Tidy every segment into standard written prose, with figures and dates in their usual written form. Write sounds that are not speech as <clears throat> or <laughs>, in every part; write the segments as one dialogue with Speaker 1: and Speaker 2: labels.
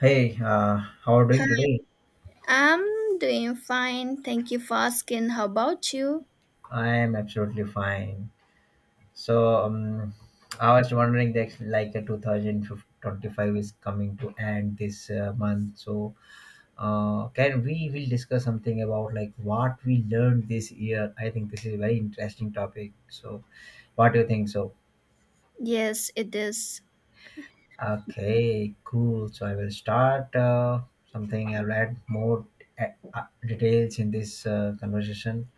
Speaker 1: Hey, how are you doing today?
Speaker 2: I'm doing fine. Thank you for asking. How about you?
Speaker 1: I am absolutely fine. So, I was wondering that like 2025 is coming to end this month. So, can we will discuss something about like what we learned this year? I think this is a very interesting topic. So, what do you think? So,
Speaker 2: Yes, it is.
Speaker 1: okay, cool. So, I will start something. I'll add more uh, details in this conversation.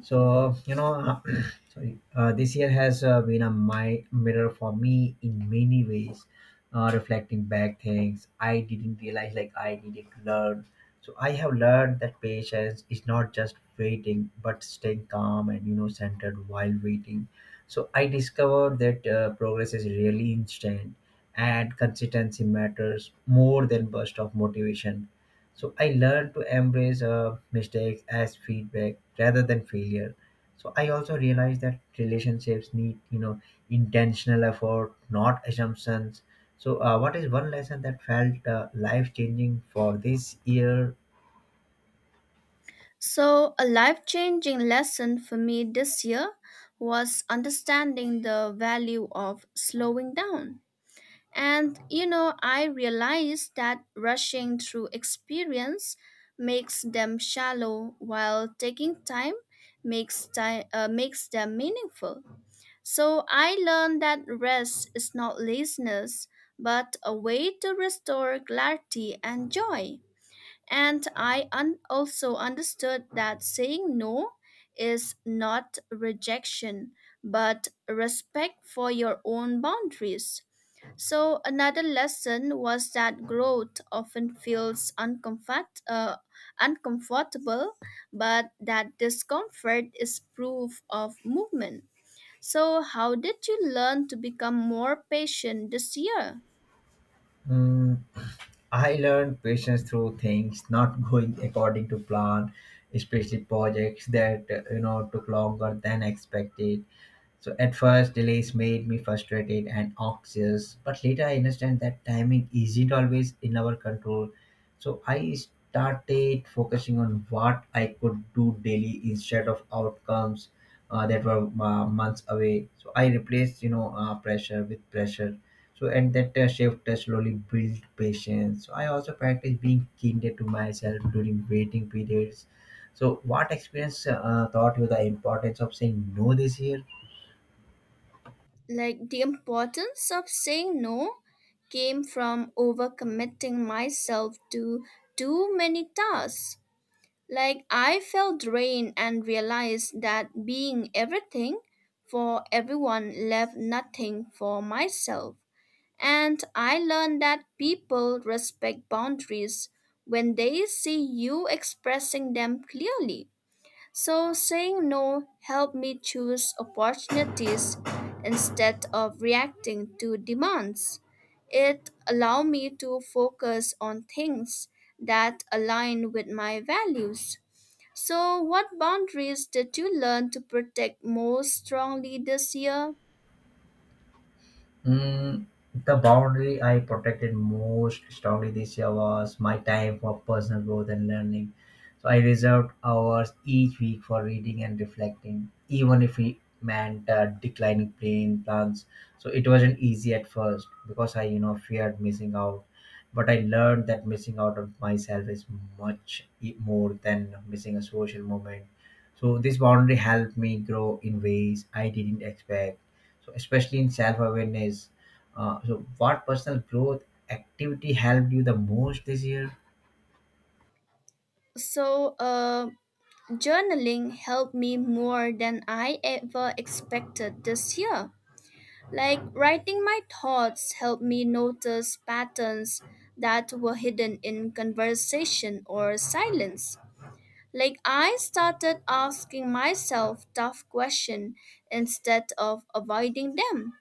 Speaker 1: So, <clears throat> sorry, this year has been a my mirror for me in many ways. Reflecting back things I didn't realize like I needed to learn. So I have learned that patience is not just waiting, but staying calm and centered while waiting. So I discovered that progress is really instant, and consistency matters more than burst of motivation. So I learned to embrace mistakes as feedback rather than failure. So I also realized that relationships need, intentional effort, not assumptions. So what is one lesson that felt life changing for this year?
Speaker 2: So, a life changing lesson for me this year was understanding the value of slowing down. And, you know, I realized that rushing through experience makes them shallow while taking time makes them meaningful. So I learned that rest is not laziness, but a way to restore clarity and joy. And I also understood that saying no is not rejection, but respect for your own boundaries. So another lesson was that growth often feels uncomfortable, but that discomfort is proof of movement. So, how did you learn to become more patient this year?
Speaker 1: Mm. I learned patience through things not going according to plan, especially projects that took longer than expected. So at first, delays made me frustrated and anxious, but later I understand that timing isn't always in our control. So I started focusing on what I could do daily instead of outcomes that were months away. So I replaced, pressure with pressure, so at that shift, I slowly built patience. So I also practice being kinder to myself during waiting periods. So what experience taught you the importance of saying no this year?
Speaker 2: Like the importance of saying no came from overcommitting myself to too many tasks. Like I felt drained and realized that being everything for everyone left nothing for myself. And I learned that people respect boundaries when they see you expressing them clearly. So saying no helped me choose opportunities instead of reacting to demands. It allowed me to focus on things that align with my values. So, what boundaries did you learn to protect most strongly this year?
Speaker 1: Mm. The boundary I protected most strongly this year was my time for personal growth and learning. So I reserved hours each week for reading and reflecting, even if it meant declining playing plans. So it wasn't easy at first because I, feared missing out. But I learned that missing out on myself is much more than missing a social moment. So this boundary helped me grow in ways I didn't expect, so especially in self awareness. So, what personal growth activity helped you the most this year?
Speaker 2: So, uh, Journaling helped me more than I ever expected this year. Like writing my thoughts helped me notice patterns that were hidden in conversation or silence. Like I started asking myself tough questions instead of avoiding them.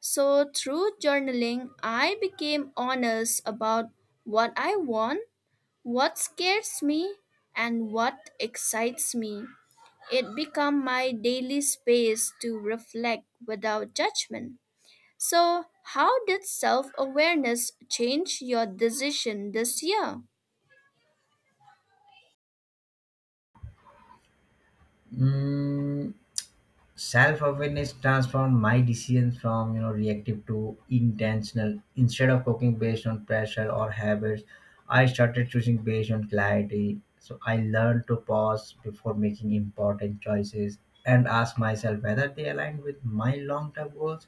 Speaker 2: So through journaling, I became honest about what I want, what scares me, and what excites me. It became my daily space to reflect without judgment. So, how did self awareness change your decision this year?
Speaker 1: Mm. Self awareness transformed my decisions from reactive to intentional. Instead of cooking based on pressure or habits, I started choosing based on clarity. So I learned to pause before making important choices and ask myself whether they align with my long term goals,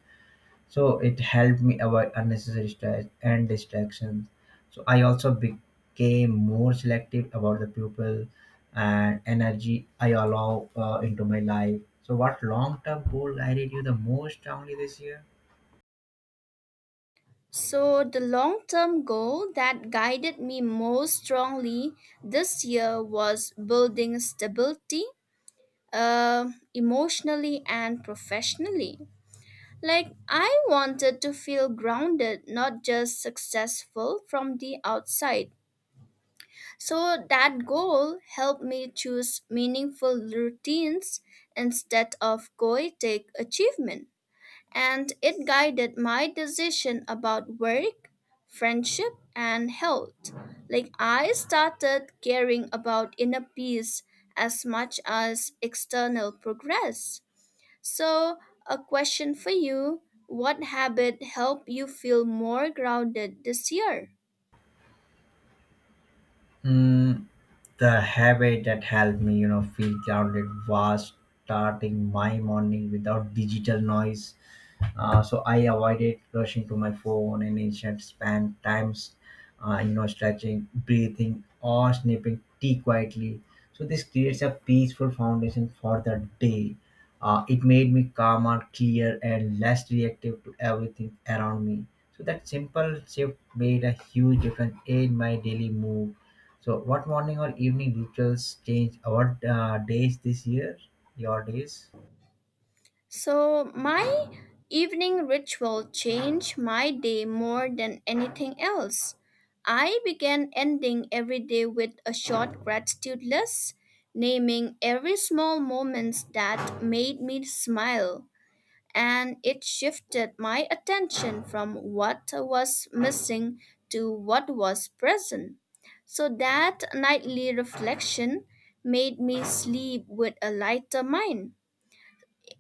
Speaker 1: so it helped me avoid unnecessary stress and distractions. So I also became more selective about the people and energy I allow into my life. So what long-term goal guided you the most strongly this year?
Speaker 2: So, the long term goal that guided me most strongly this year was building stability, emotionally and professionally. Like, I wanted to feel grounded, not just successful from the outside. So that goal helped me choose meaningful routines instead of goetic achievement. And it guided my decision about work, friendship, and health. Like I started caring about inner peace as much as external progress. So, a question for you. What habit helped you feel more grounded this year?
Speaker 1: Mm. The habit that helped me feel grounded was starting my morning without digital noise. So I avoided rushing to my phone and instead spent times, stretching, breathing, or snipping tea quietly. So this creates a peaceful foundation for the day. It made me calmer, clear, and less reactive to everything around me. So that simple shift made a huge difference in my daily mood. So, what morning or evening rituals changed our days this year? Your days?
Speaker 2: So, my evening ritual changed my day more than anything else. I began ending every day with a short gratitude list, naming every small moments that made me smile, and it shifted my attention from what was missing to what was present. So that nightly reflection made me sleep with a lighter mind,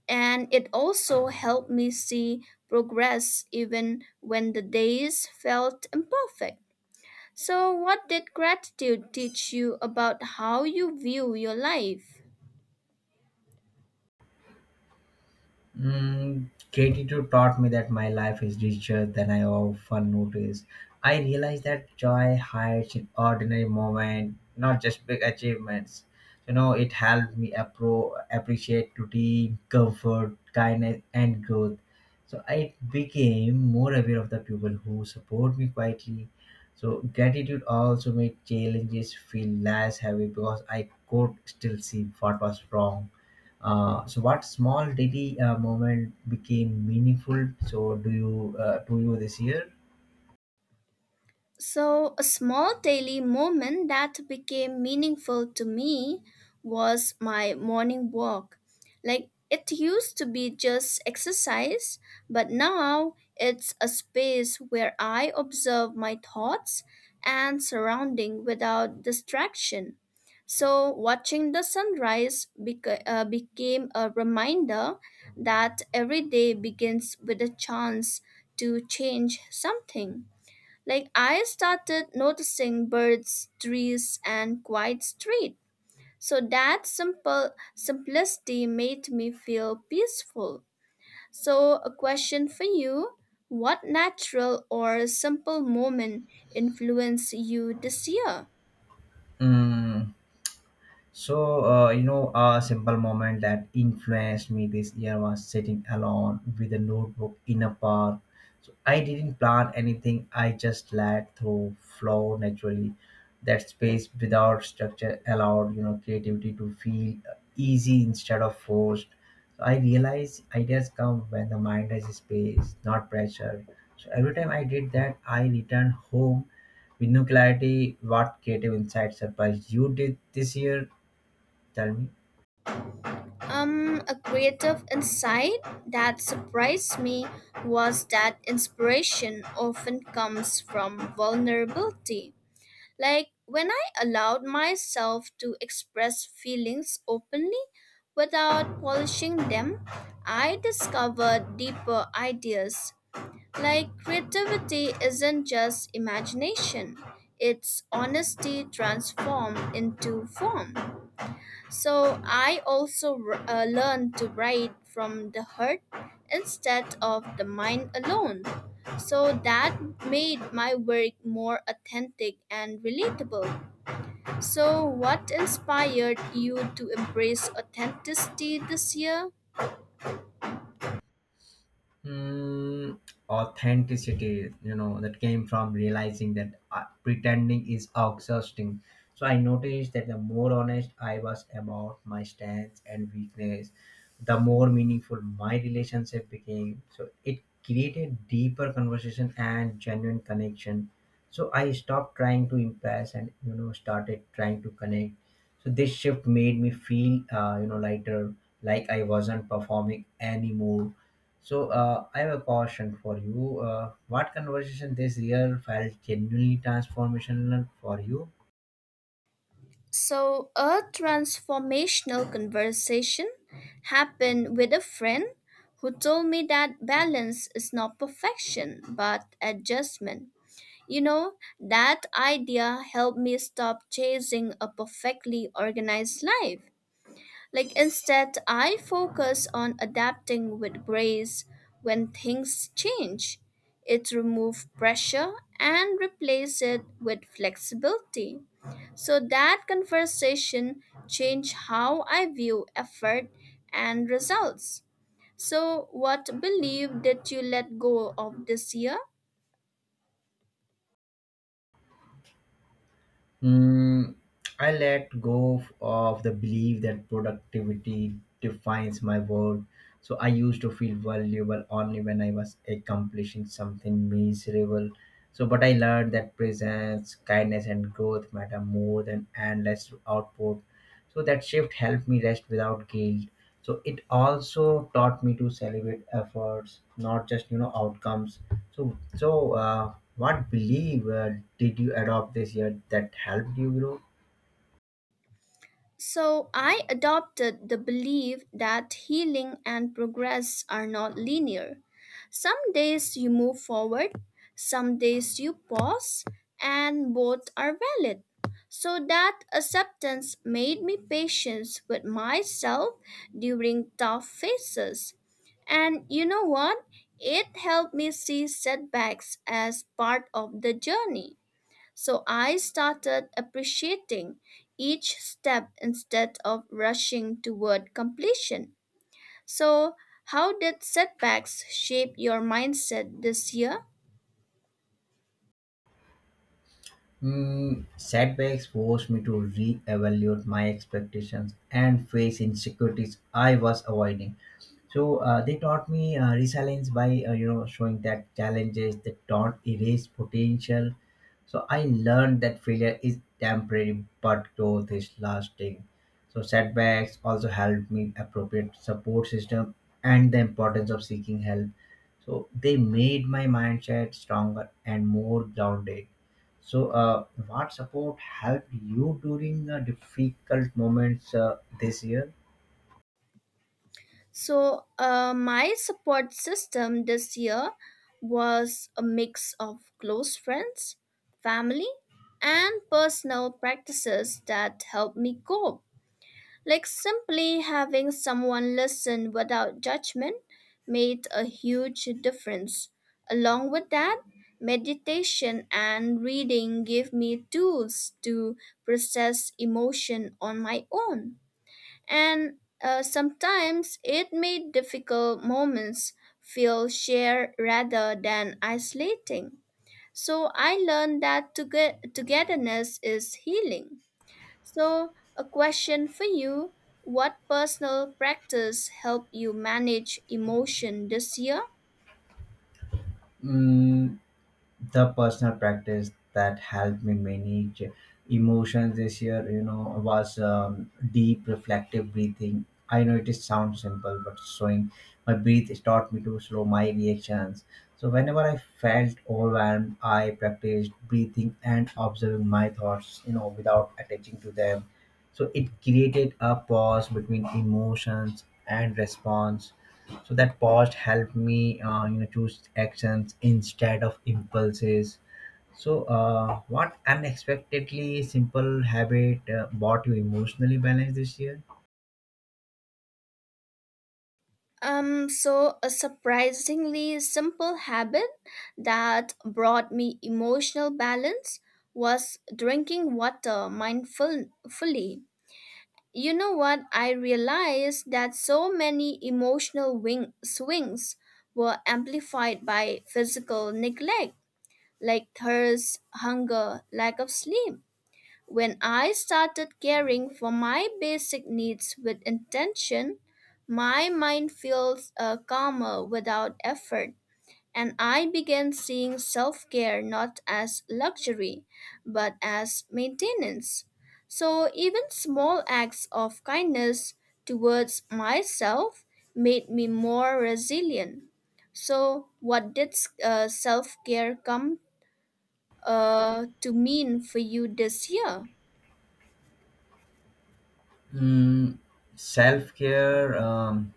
Speaker 2: and it also helped me see progress even when the days felt imperfect. So, what did gratitude teach you about how you view your life?
Speaker 1: Mm. Gratitude taught me that my life is richer than I often notice. I realized that joy hides in ordinary moments, not just big achievements. It helped me appreciate routine, comfort, kindness, and growth. So I became more aware of the people who support me quietly. So gratitude also made challenges feel less heavy because I could still see what was wrong. So what small daily moment became meaningful, so do you to you this year?
Speaker 2: So, a small daily moment that became meaningful to me was my morning walk. Like, it used to be just exercise, but now it's a space where I observe my thoughts and surrounding without distraction. So, watching the sunrise became a reminder that every day begins with a chance to change something. Like I started noticing birds, trees, and quiet street. So that simple simplicity made me feel peaceful. So a question for you. What natural or simple moment influenced you this year?
Speaker 1: Mm. So, a simple moment that influenced me this year was sitting alone with a notebook in a park. So, I didn't plan anything, I just let through flow naturally. That space without structure allowed, creativity to feel easy instead of forced. So, I realized ideas come when the mind has space, not pressure. So, every time I did that, I returned home with no clarity. What creative insight surprised you did this year? Tell me.
Speaker 2: A creative insight that surprised me was that inspiration often comes from vulnerability. Like when I allowed myself to express feelings openly without polishing them, I discovered deeper ideas. Like creativity isn't just imagination, it's honesty transformed into form. So I also learned to write from the heart instead of the mind alone. So that made my work more authentic and relatable. So, what inspired you to embrace authenticity this year?
Speaker 1: Mm. Authenticity that came from realizing that pretending is exhausting. So I noticed that the more honest I was about my stance and weakness, the more meaningful my relationship became. So it created deeper conversation and genuine connection. So I stopped trying to impress and started trying to connect. So this shift made me feel lighter, like I wasn't performing anymore. So I have a question for you. What conversation this year felt genuinely transformational for you?
Speaker 2: So, a transformational conversation happened with a friend who told me that balance is not perfection but adjustment. You know, that idea helped me stop chasing a perfectly organized life. Like instead, I focus on adapting with grace when things change. It removes pressure and replace it with flexibility. So that conversation changed how I view effort and results. So what belief did you let go of this year?
Speaker 1: Mm. I let go of the belief that productivity defines my worth. So I used to feel valuable only when I was accomplishing something miserable. So, but I learned that presence, kindness, and growth matter more than endless output. So that shift helped me rest without guilt. So it also taught me to celebrate efforts, not just outcomes. So, what belief did you adopt this year that helped you grow?
Speaker 2: So I adopted the belief that healing and progress are not linear. Some days you move forward, some days you pause, and both are valid. So that acceptance made me patient with myself during tough phases. And you know what? It helped me see setbacks as part of the journey. So I started appreciating each step instead of rushing toward completion. So, how did setbacks shape your mindset this year?
Speaker 1: Mm. Setbacks forced me to re-evaluate my expectations and face insecurities I was avoiding. So they taught me resilience by showing that challenges that don't erase potential. So I learned that failure is temporary, but growth is lasting. So setbacks also helped me appropriate support system and the importance of seeking help. So they made my mindset stronger and more grounded. So what support helped you during the difficult moments this year?
Speaker 2: My support system this year was a mix of close friends, family, and personal practices that helped me cope. Like simply having someone listen without judgment made a huge difference. Along with that, meditation and reading give me tools to process emotion on my own. And sometimes it made difficult moments feel shared rather than isolating. So I learned that togetherness is healing. So, a question for you. What personal practice helped you manage emotion this year?
Speaker 1: Mm. The personal practice that helped me manage emotions this year was deep reflective breathing. I know it is sound simple, but slowing my breath taught me to slow my reactions. So whenever I felt overwhelmed, I practiced breathing and observing my thoughts without attaching to them. So it created a pause between emotions and response. So that pause helped me choose actions instead of impulses. So what unexpectedly simple habit bought you emotionally balance this year?
Speaker 2: A surprisingly simple habit that brought me emotional balance was drinking water mindfully. You know what? I realized that so many emotional swings were amplified by physical neglect, like thirst, hunger, lack of sleep. When I started caring for my basic needs with intention, my mind feels calmer without effort, and I began seeing self care not as luxury, but as maintenance. So, even small acts of kindness towards myself made me more resilient. So, what did self care come to mean for you this year?
Speaker 1: Mm. Self care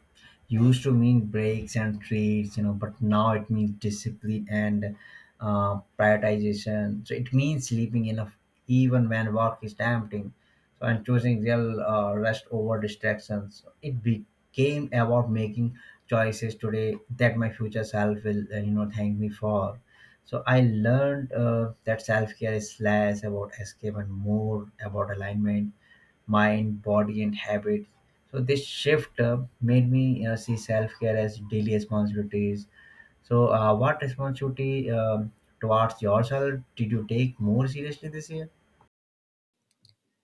Speaker 1: used to mean breaks and treats, but now it means discipline and prioritization. So it means sleeping enough even when work is tempting. So and choosing real rest over distractions. It became about making choices today that my future self will, thank me for. So I learned that self care is less about escape and more about alignment, mind, body, and habits. So this shift made me see self-care as daily responsibilities. So what responsibility towards yourself did you take more seriously this year?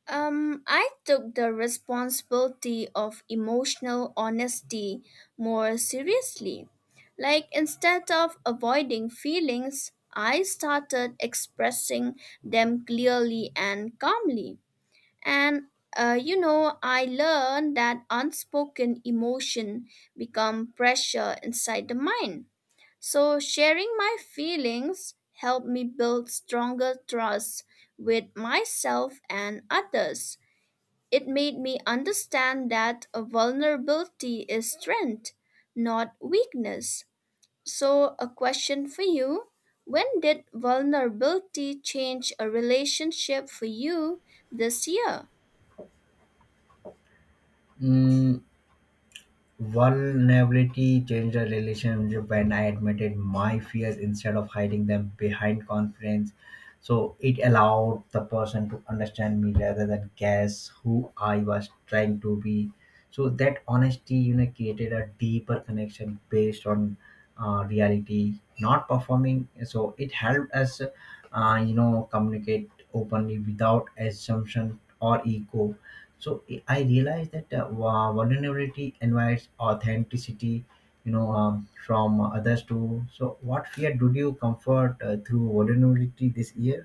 Speaker 2: I took the responsibility of emotional honesty more seriously. Like, instead of avoiding feelings, I started expressing them clearly and calmly. And, you know, I learned that unspoken emotion become pressure inside the mind. So, sharing my feelings helped me build stronger trust with myself and others. It made me understand that a vulnerability is strength, not weakness. So, a question for you. When did vulnerability change a relationship for you this year?
Speaker 1: Mm. Vulnerability changed the relationship when I admitted my fears instead of hiding them behind confidence. So it allowed the person to understand me rather than guess who I was trying to be. So that honesty, created a deeper connection based on reality, not performing. So it helped us, communicate openly without assumption or ego. So I realized that vulnerability invites authenticity from others too. So what fear did you comfort through vulnerability this year?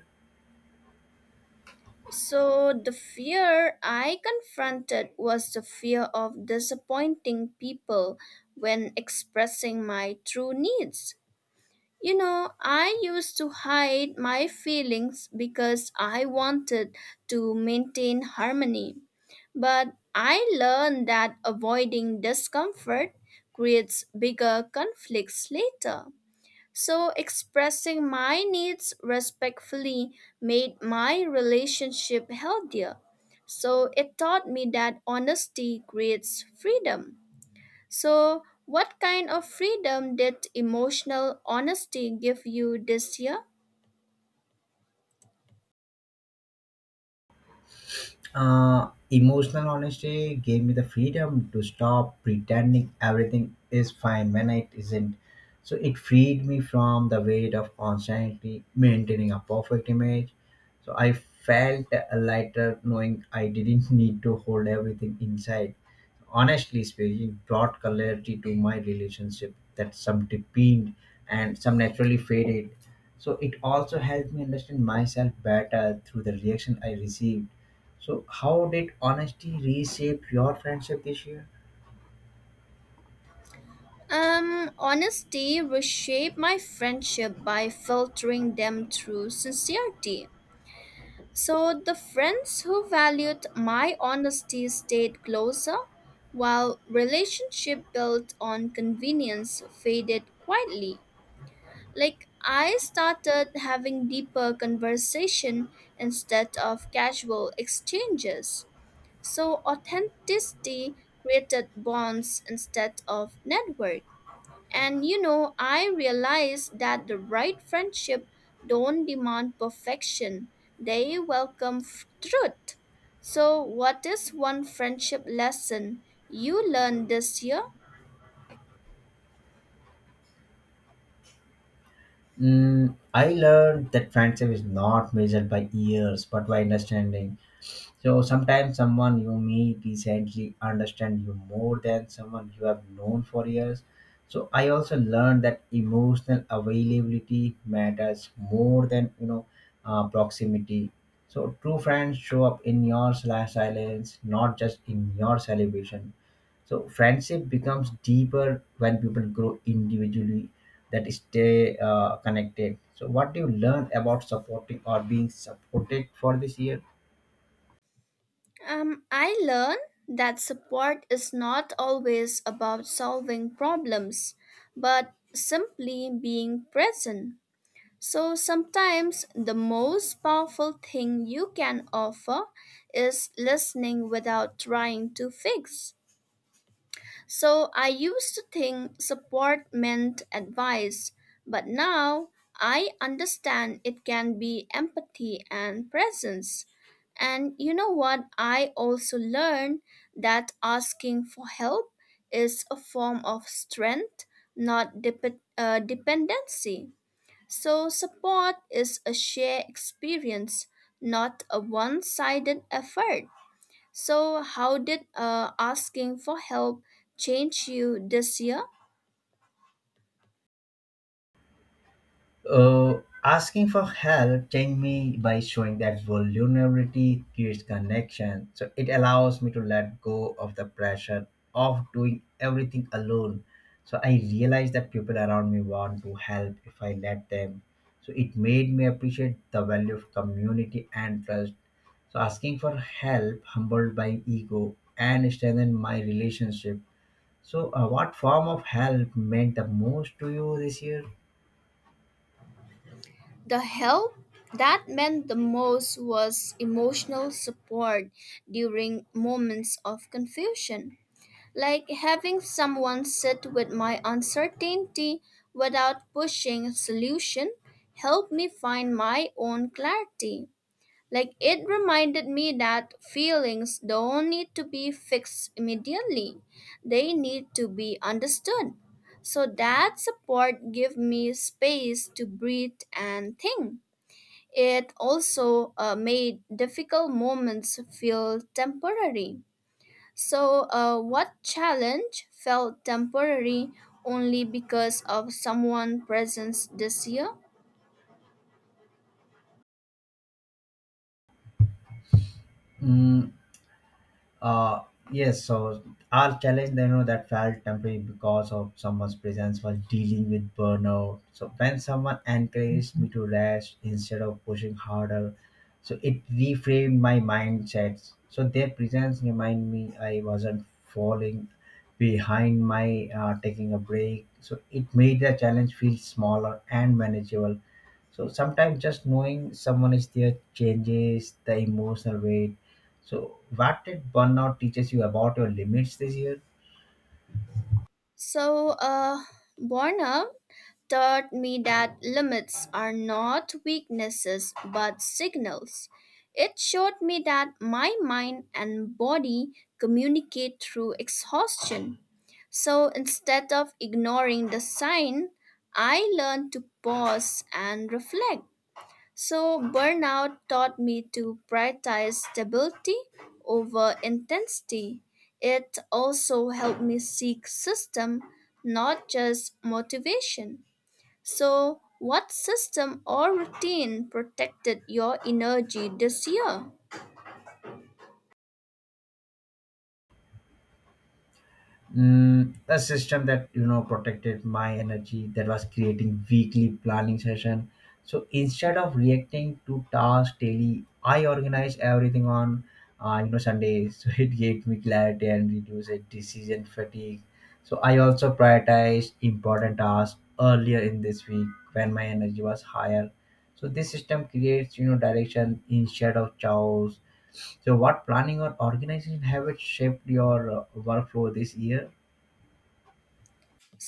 Speaker 2: So, the fear I confronted was the fear of disappointing people when expressing my true needs. You know, I used to hide my feelings because I wanted to maintain harmony. But I learned that avoiding discomfort creates bigger conflicts later. So, expressing my needs respectfully made my relationship healthier. So, it taught me that honesty creates freedom. So, what kind of freedom did emotional honesty give you this year?
Speaker 1: Emotional honesty gave me the freedom to stop pretending everything is fine when it isn't. So it freed me from the weight of constantly maintaining a perfect image. So I felt lighter knowing I didn't <laughs> need to hold everything inside. Honestly speaking, brought clarity to my relationship that some deepened and some naturally faded. So it also helped me understand myself better through the reaction I received. So, how did honesty reshape your friendship this year?
Speaker 2: Honesty reshaped my friendship by filtering them through sincerity. So the friends who valued my honesty stayed closer, while relationship built on convenience faded quietly. Like I started having deeper conversation instead of casual exchanges. So authenticity created bonds instead of network. And you know, I realized that the right friendship don't demand perfection. They welcome truth. So what is one friendship lesson you learned this year?
Speaker 1: Mm. I learned that friendship is not measured by years but by understanding. So, sometimes someone you meet recently understand you more than someone you have known for years. So, I also learned that emotional availability matters more than proximity. So, true friends show up in your slash silence, not just in your celebration. So friendship becomes deeper when people grow individually, that stay connected. So what do you learn about supporting or being supported for this year?
Speaker 2: I learned that support is not always about solving problems, but simply being present. So sometimes the most powerful thing you can offer is listening without trying to fix. So I used to think support meant advice, but now I understand it can be empathy and presence. And you know what? I also learned that asking for help is a form of strength, not dependency. So, support is a shared experience, not a one sided effort. So, how did asking for help change you this year?
Speaker 1: Asking for help changed me by showing that vulnerability creates connection. So it allows me to let go of the pressure of doing everything alone. So I realized that people around me want to help if I let them. So it made me appreciate the value of community and trust. So asking for help humbled my ego and strengthened my relationship. So what form of help meant the most to you this year?
Speaker 2: The help that meant the most was emotional support during moments of confusion. Like having someone sit with my uncertainty without pushing a solution helped me find my own clarity. Like it reminded me that feelings don't need to be fixed immediately. They need to be understood. So that support gave me space to breathe and think. It also made difficult moments feel temporary. So, what challenge felt temporary only because of someone's presence this year?
Speaker 1: Mm. Uh, yes, so our challenge, that felt temporary because of someone's presence was dealing with burnout. So when someone encouraged me to rest instead of pushing harder, so it reframed my mindsets. So their presence remind me I wasn't falling behind my taking a break. So it made the challenge feel smaller and manageable. So sometimes just knowing someone is there changes the emotional weight. So, what did burnout teaches you about your limits this year?
Speaker 2: So, burnout taught me that limits are not weaknesses but signals. It showed me that my mind and body communicate through exhaustion. So, instead of ignoring the sign, I learned to pause and reflect. So, burnout taught me to prioritize stability over intensity. It also helped me seek system, not just motivation. So, what system or routine protected your energy this year?
Speaker 1: Mm. A system that protected my energy that was creating weekly planning session. So instead of reacting to tasks daily, I organized everything on Sundays. <laughs> So it gave me clarity and reduced decision fatigue. So I also prioritized important tasks earlier in this week when my energy was higher. So this system creates direction instead of chaos. So, what planning or organization habits shaped your workflow this year?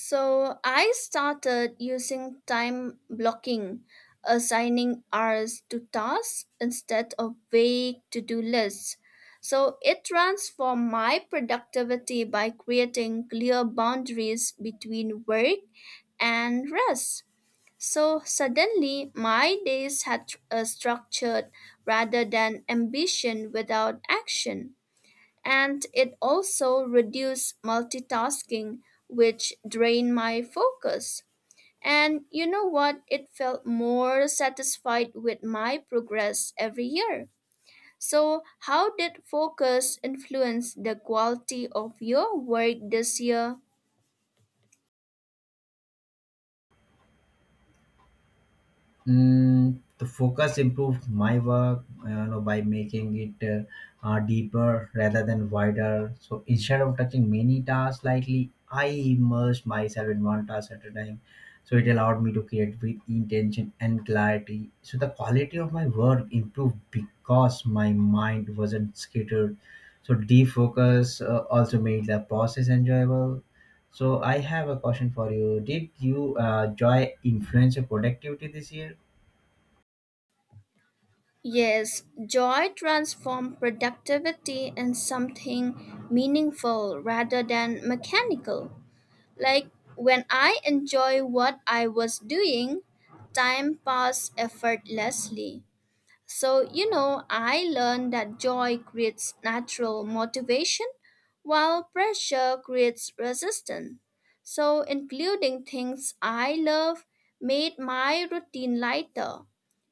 Speaker 2: So I started using time blocking, assigning hours to tasks instead of vague to do lists. So it transformed my productivity by creating clear boundaries between work and rest. So suddenly, my days had a structured rather than ambition without action, and it also reduced multitasking which drained my focus. And you know what? It felt more satisfied with my progress every year. So how did focus influence the quality of your work this year?
Speaker 1: Mm. The focus improved my work by making it deeper rather than wider. So instead of touching many tasks lightly, I immersed myself in one task at a time. So it allowed me to create with intention and clarity. So the quality of my work improved because my mind wasn't scattered. So defocus also made the process enjoyable. So I have a question for you. Did you joy influence your productivity this year?
Speaker 2: Yes, joy transformed productivity in something meaningful rather than mechanical. Like when I enjoy what I was doing, time passed effortlessly. So, you know, I learned that joy creates natural motivation while pressure creates resistance. So, including things I love made my routine lighter,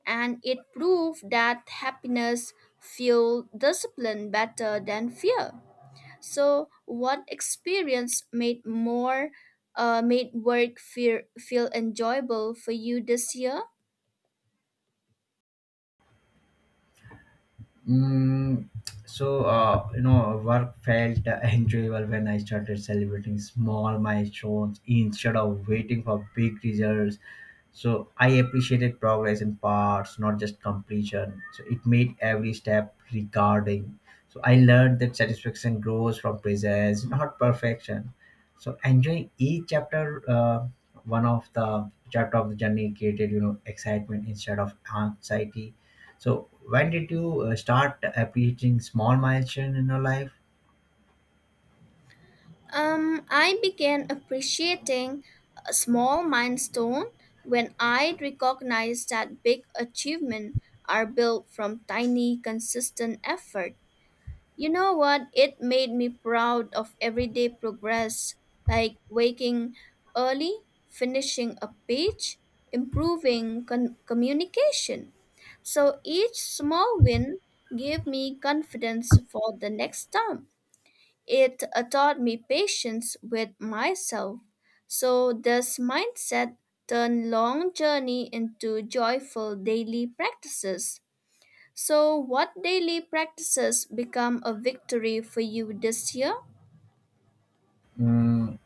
Speaker 2: and it proved that happiness fueled discipline better than fear. So, what experience made work feel enjoyable for you this year?
Speaker 1: Mm. So work felt <laughs> enjoyable when I started celebrating small milestones instead of waiting for big results. So I appreciated progress in parts, not just completion. So it made every step regarding. So I learned that satisfaction grows from presence, not perfection. So enjoying one of the chapter of the journey created, excitement instead of anxiety. So when did you start appreciating small milestone in your life?
Speaker 2: I began appreciating a small milestone when I recognized that big achievements are built from tiny, consistent effort. You know what? It made me proud of everyday progress, like waking early, finishing a page, improving communication. So each small win gave me confidence for the next time. It taught me patience with myself. So this mindset turned long journey into joyful daily practices. So, what daily practices become a victory for you this year?
Speaker 1: Mm.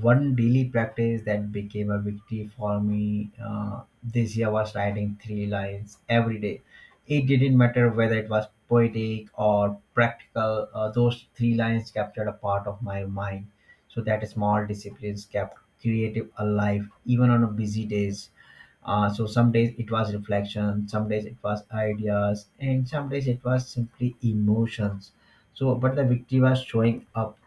Speaker 1: One daily practice that became a victory for me this year was writing three lines every day. It didn't matter whether it was poetic or practical, those three lines captured a part of my mind. So that small disciplines kept creative alive even on a busy days. So some days it was reflection, some days it was ideas, and some days it was simply emotions. So, but the victory was showing up,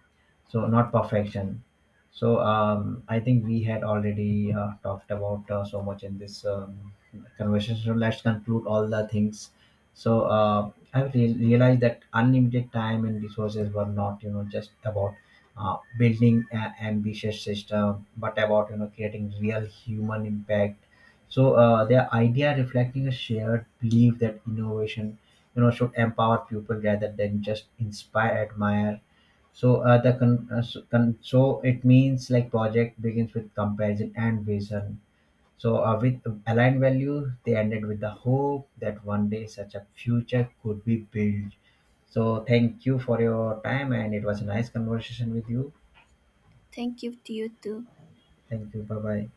Speaker 1: so not perfection. So I think we had already talked about so much in this conversation. So let's conclude all the things. So I realized that unlimited time and resources were not, just about building an ambitious system, but about creating real human impact. So their idea reflecting a shared belief that innovation, should empower people rather than just inspire, admire. So the con- so, con- so it means like project begins with comparison and vision. So with aligned values, they ended with the hope that one day such a future could be built. So thank you for your time, and it was a nice conversation with you.
Speaker 2: Thank you to you too.
Speaker 1: Thank you. Bye bye.